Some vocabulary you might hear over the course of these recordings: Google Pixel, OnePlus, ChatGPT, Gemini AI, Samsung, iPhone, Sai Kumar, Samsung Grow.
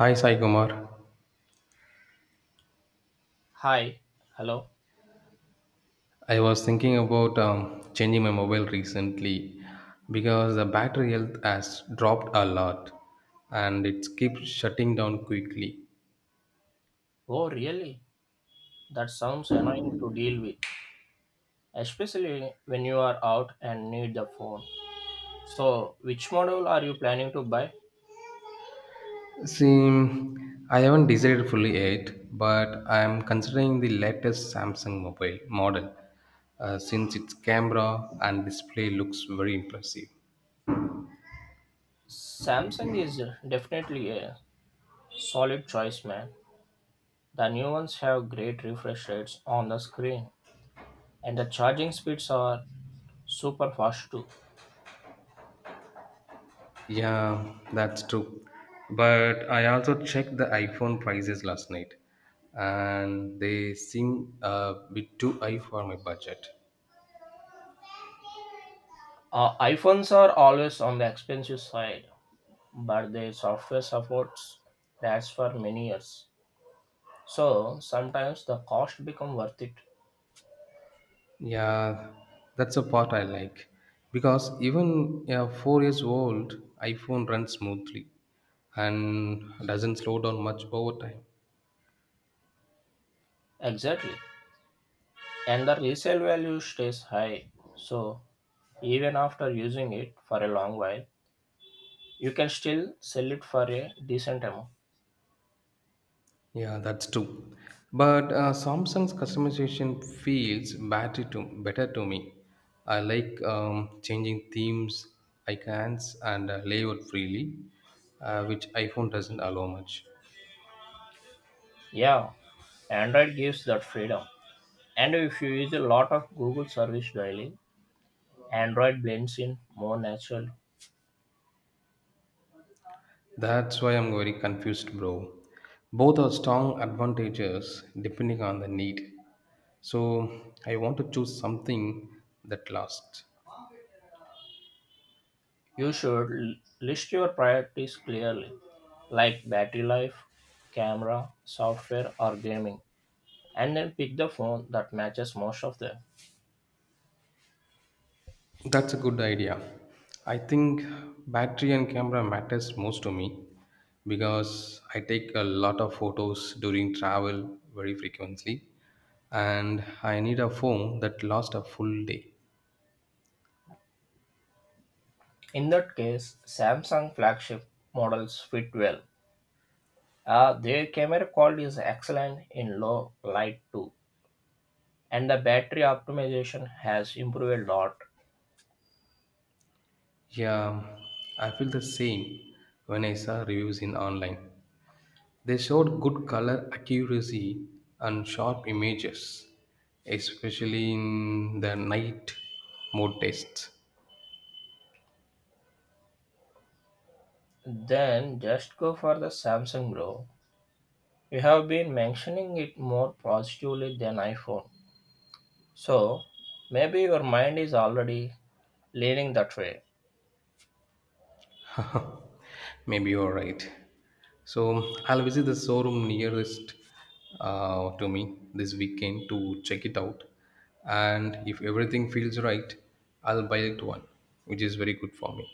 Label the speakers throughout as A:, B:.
A: Hi Sai Kumar.
B: Hi, hello.
A: I was thinking about changing my mobile recently because the battery health has dropped a lot and it keeps shutting down quickly.
B: Oh, really? That sounds annoying to deal with, especially when you are out and need the phone. So, which model are you planning to buy?
A: See, I haven't decided fully yet, but I am considering the latest Samsung mobile model since its camera and display looks very impressive.
B: Samsung is definitely a solid choice, man. The new ones have great refresh rates on the screen, and the charging speeds are super fast too.
A: Yeah, that's true. But I also checked the iPhone prices last night, and they seem a bit too high for my budget.
B: iPhones are always on the expensive side, but their software supports lasts for many years. So sometimes the cost become worth it.
A: Yeah, that's a part I like because even a 4 years old iPhone runs smoothly and doesn't slow down much over time.
B: Exactly. And the resale value stays high. So even after using it for a long while, you can still sell it for a decent amount.
A: Yeah, that's true. But Samsung's customization feels better to me. I like changing themes, icons, and layout freely, which iPhone doesn't allow much.
B: Yeah, Android gives that freedom. And if you use a lot of Google service daily, Android blends in more naturally.
A: That's why I'm very confused, bro. Both are strong advantages depending on the need. So I want to choose something that lasts.
B: You should list your priorities clearly, like battery life, camera, software, or gaming, and then pick the phone that matches most of them.
A: That's a good idea. I think battery and camera matters most to me because I take a lot of photos during travel very frequently and I need a phone that lasts a full day.
B: In that case, Samsung flagship models fit well. Their camera quality is excellent in low light too, and the battery optimization has improved a lot.
A: Yeah, I feel the same when I saw reviews in online. They showed good color accuracy and sharp images, especially in the night mode tests.
B: Then just go for the Samsung Grow. You have been mentioning it more positively than iPhone, so maybe your mind is already leaning that way.
A: Maybe you're right. So I'll visit the showroom nearest to me this weekend to check it out. And if everything feels right, I'll buy it one, which is very good for me.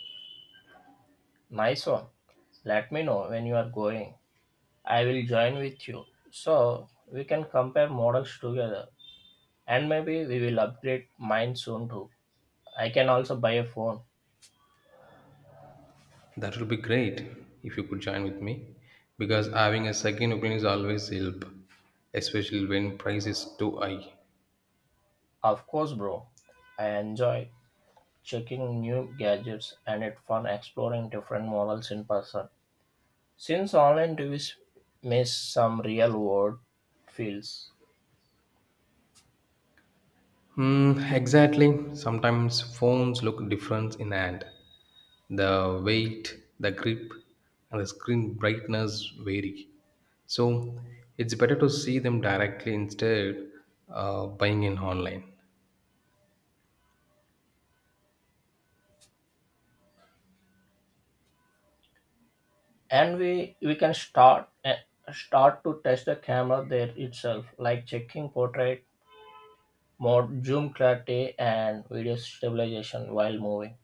B: Nice one. Let me know when you are going. I will join with you. So we can compare models together. And maybe we will upgrade mine soon too. I can also buy a phone.
A: That would be great if you could join with me because having a second opinion is always help, especially when price is too high.
B: Of course, bro. I enjoy checking new gadgets and it's fun exploring different models in person, since online reviews miss some real world feels.
A: Mm, exactly. Sometimes phones look different in hand. The weight, the grip, and the screen brightness vary. So it's better to see them directly instead buying in online.
B: And we can start start to test the camera there itself, like checking portrait more zoom clarity and video stabilization while moving.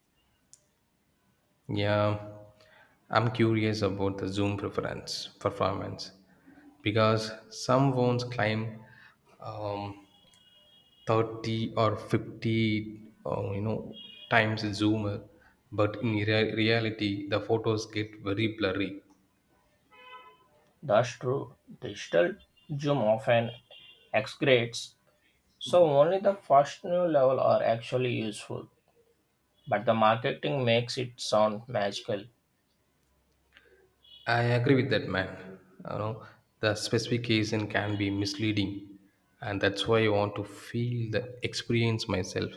A: Yeah, I'm curious about the zoom preference performance because some phones claim um, 30 or 50 times zoomer but in reality the photos get very blurry.
B: Thus, true digital zoom often exaggerates, so only the first new level are actually useful. But the marketing makes it sound magical.
A: I agree with that, man. You know, the specification can be misleading, and that's why I want to feel the experience myself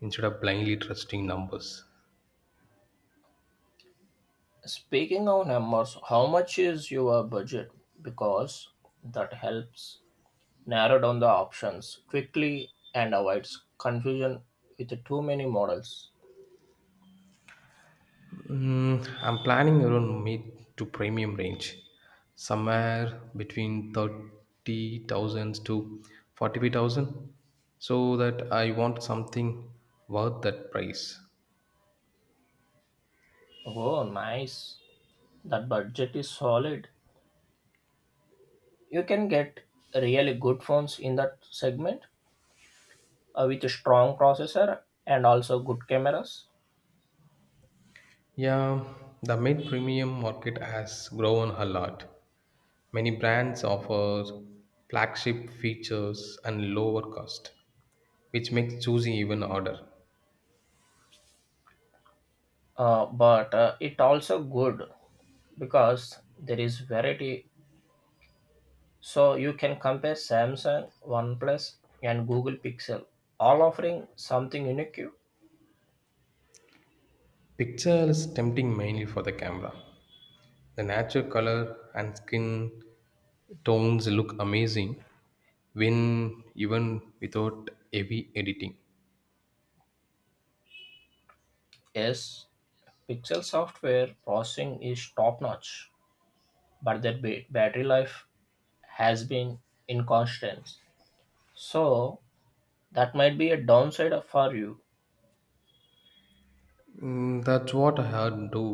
A: instead of blindly trusting numbers.
B: Speaking of numbers, how much is your budget? Because that helps narrow down the options quickly and avoids confusion with too many models.
A: Mm, I'm planning around mid to premium range, somewhere between 30,000 to 45,000, so that I want something worth that price.
B: Oh, nice. That budget is solid. You can get really good phones in that segment, with a strong processor and also good cameras.
A: Yeah, the mid premium market has grown a lot. Many brands offer flagship features and lower cost, which makes choosing even harder.
B: But it also good, because there is variety, so you can compare Samsung, OnePlus, and Google Pixel all offering something unique.
A: Picture is tempting mainly for the camera. The natural color and skin tones look amazing when even without heavy editing.
B: Yes, Pixel software processing is top notch, but their battery life has been inconstant, so that might be a downside for you.
A: Mm, that's what I had do.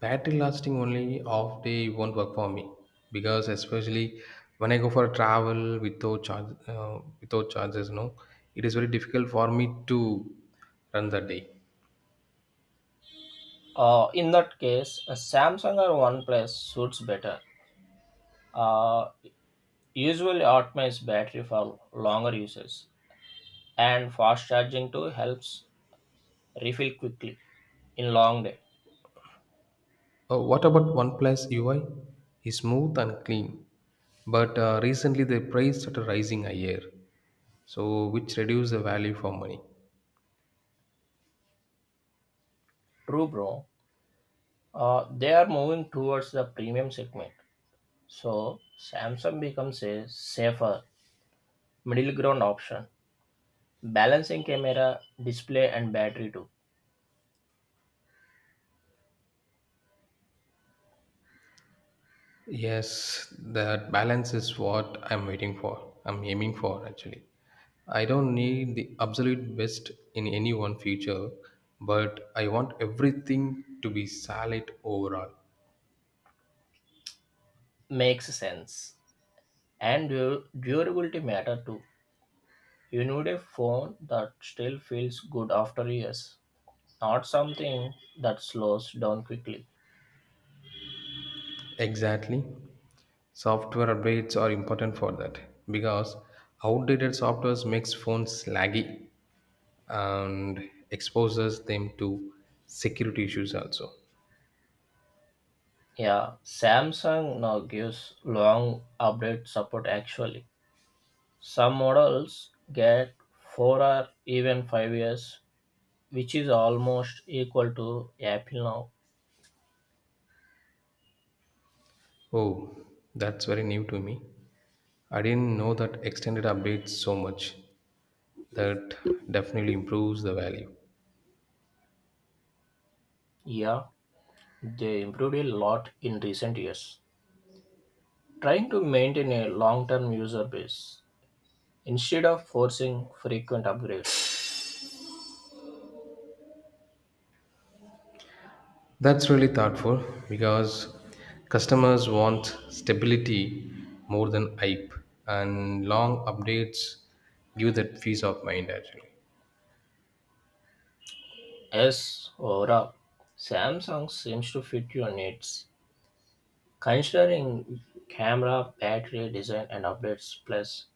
A: Battery lasting only half day won't work for me because especially when I go for travel without charge without charges, no, it is very difficult for me to run the day.
B: In that case, a Samsung or OnePlus suits better. Uh, usually optimizes battery for longer uses, and fast charging too helps refill quickly in long day.
A: What about OnePlus UI? It's smooth and clean, but recently they priced at a rising higher, so which reduce the value for money.
B: True, bro. They are moving towards the premium segment, so Samsung becomes a safer middle ground option, balancing camera, display, and battery too.
A: Yes, that balance is what I'm aiming for actually. I don't need the absolute best in any one feature, but I want everything to be solid overall.
B: Makes sense, and durability matter too. You need a phone that still feels good after years, not something that slows down quickly.
A: Exactly, software updates are important for that because outdated softwares makes phones laggy and exposes them to security issues also.
B: Yeah, Samsung now gives long update support actually. Some models get 4 or even 5 years, which is almost equal to Apple now.
A: Oh, that's very new to me. I didn't know that extended updates so much. That definitely improves the value.
B: Yeah, they improved a lot in recent years, trying to maintain a long term user base instead of forcing frequent upgrades.
A: That's really thoughtful because customers want stability more than hype, and long updates give that peace of mind actually.
B: Yes, overall, Samsung seems to fit your needs, considering camera, battery, design, and updates, plus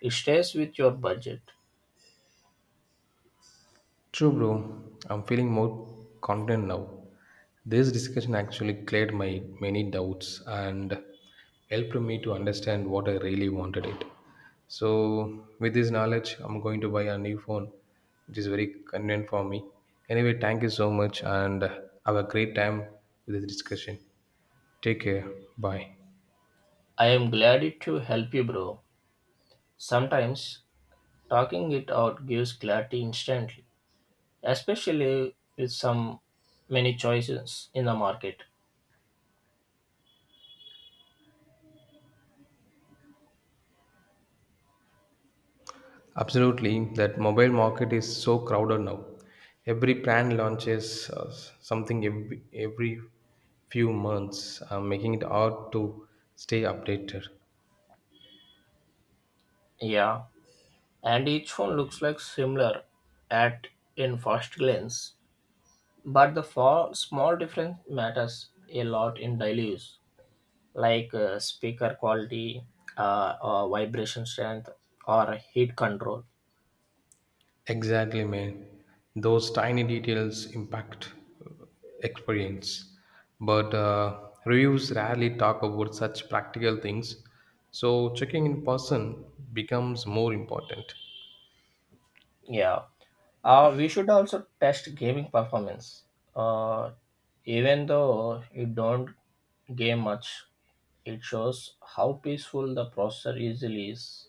B: it stays with your budget.
A: True, bro. I'm feeling more confident now. This discussion actually cleared my many doubts and helped me to understand what I really wanted it. So, with this knowledge, I'm going to buy a new phone, which is very convenient for me. Anyway, thank you so much and have a great time with this discussion. Take care. Bye.
B: I am glad it to help you, bro. Sometimes talking it out gives clarity instantly, especially with some many choices in the market.
A: Absolutely, that mobile market is so crowded now. Every brand launches something every few months, making it hard to stay updated.
B: Yeah, and each phone looks like similar at in first glance, but the far, small difference matters a lot in daily use, like speaker quality, vibration strength, or heat control.
A: Exactly, man. Those tiny details impact uh, experience. But reviews rarely talk about such practical things, so checking in person becomes more important.
B: Yeah. We should also test gaming performance. Uh, even though you don't game much, it shows how peaceful the processor easily is.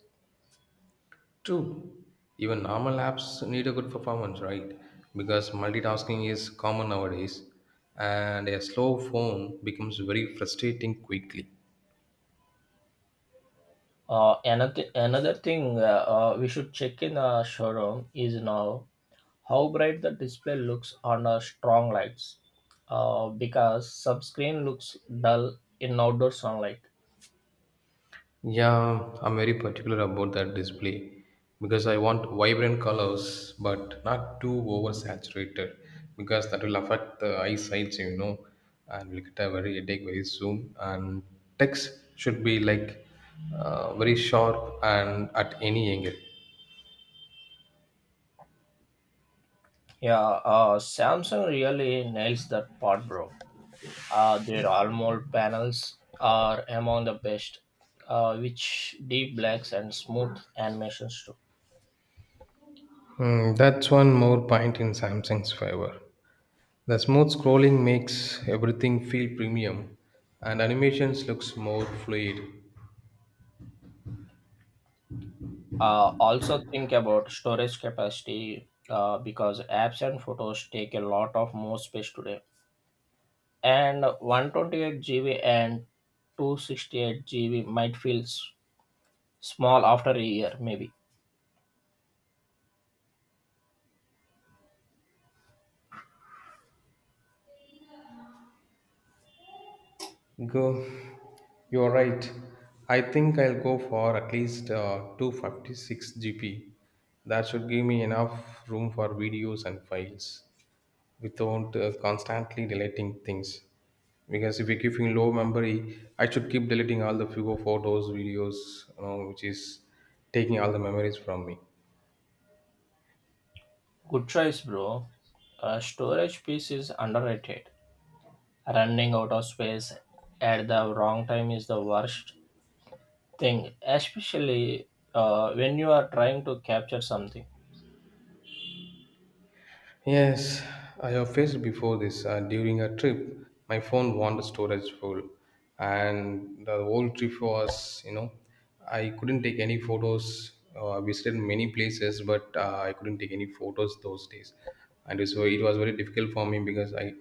A: True. Even normal apps need a good performance, right? Because multitasking is common nowadays, and a slow phone becomes very frustrating quickly.
B: Another thing we should check in the showroom is now how bright the display looks under strong lights, because subscreen looks dull in outdoor sunlight.
A: Yeah, I'm very particular about that display because I want vibrant colors but not too oversaturated because that will affect the eyesight, you know, and will get a very headache very soon. And text should be like very sharp and at any angle.
B: Yeah, Samsung really nails that part, bro. Their AMOLED panels are among the best, which deep blacks and smooth animations too.
A: Hmm, that's one more point in Samsung's favor. The smooth scrolling makes everything feel premium and animations looks more fluid.
B: Also think about storage capacity, because apps and photos take a lot of more space today, and 128 GB and 268 GB might feel small after a year, maybe.
A: Go, you're right. I think I'll go for at least 256 GB. That should give me enough room for videos and files, without constantly deleting things, because if you're keeping low memory I should keep deleting all the few photos videos, you know, which is taking all the memories from me.
B: Good choice, bro. A storage piece is underrated. Running out of space at the wrong time is the worst thing, especially when you are trying to capture something.
A: Yes, I have faced before this. During a trip, my phone wanted storage full, and the whole trip was, you know, I couldn't take any photos. I visited many places, but I couldn't take any photos those days, and so it was very difficult for me because I,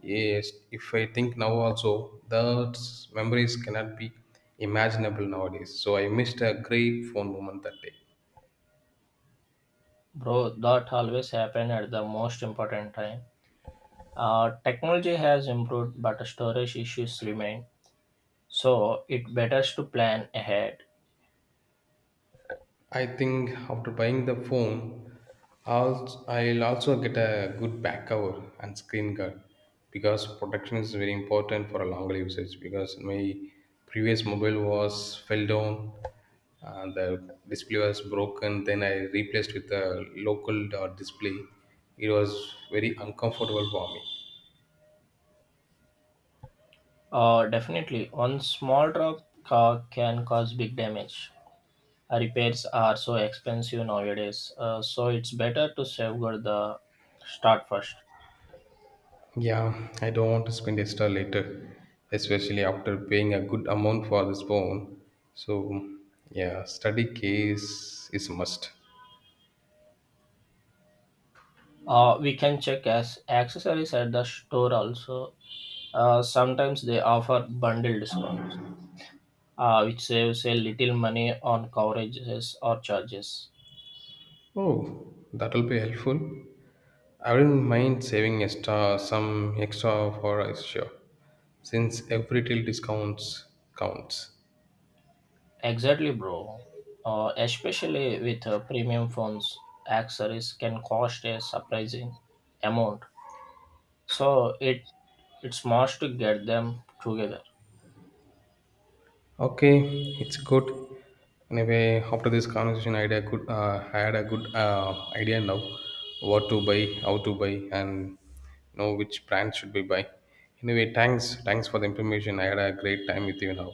A: yes, if I think now also, those memories cannot be imaginable nowadays. So I missed a great phone moment that day.
B: Bro, that always happen at the most important time. Technology has improved, but storage issues remain. So it better to plan ahead.
A: I think after buying the phone, I'll also get a good back cover and screen guard because protection is very important for a longer usage. Because my previous mobile was fell down, the display was broken. Then I replaced with a local display. It was very uncomfortable for me.
B: Definitely, one small drop can cause big damage. Repairs are so expensive nowadays, so it's better to safeguard the start first.
A: Yeah, I don't want to spend extra later, especially after paying a good amount for this phone. So, yeah, study case is a must.
B: We can check as accessories at the store also. Sometimes they offer bundle discounts, which saves a little money on coverages or charges.
A: Oh, that will be helpful. I wouldn't mind saving extra some extra for a sure, since every till discounts counts.
B: Exactly, bro. Especially with premium phones, accessories can cost a surprising amount. So it's must to get them together.
A: Okay, it's good. Anyway, after this conversation, I had a I had a good idea now what to buy, how to buy, and you know which brand should we buy. Anyway, thanks for the information. I had a great time with you now.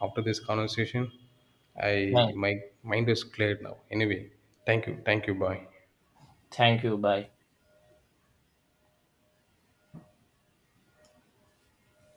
A: After this conversation, I
B: Thank
A: my mind is cleared now. Anyway, thank you, bye.
B: thank you. Bye.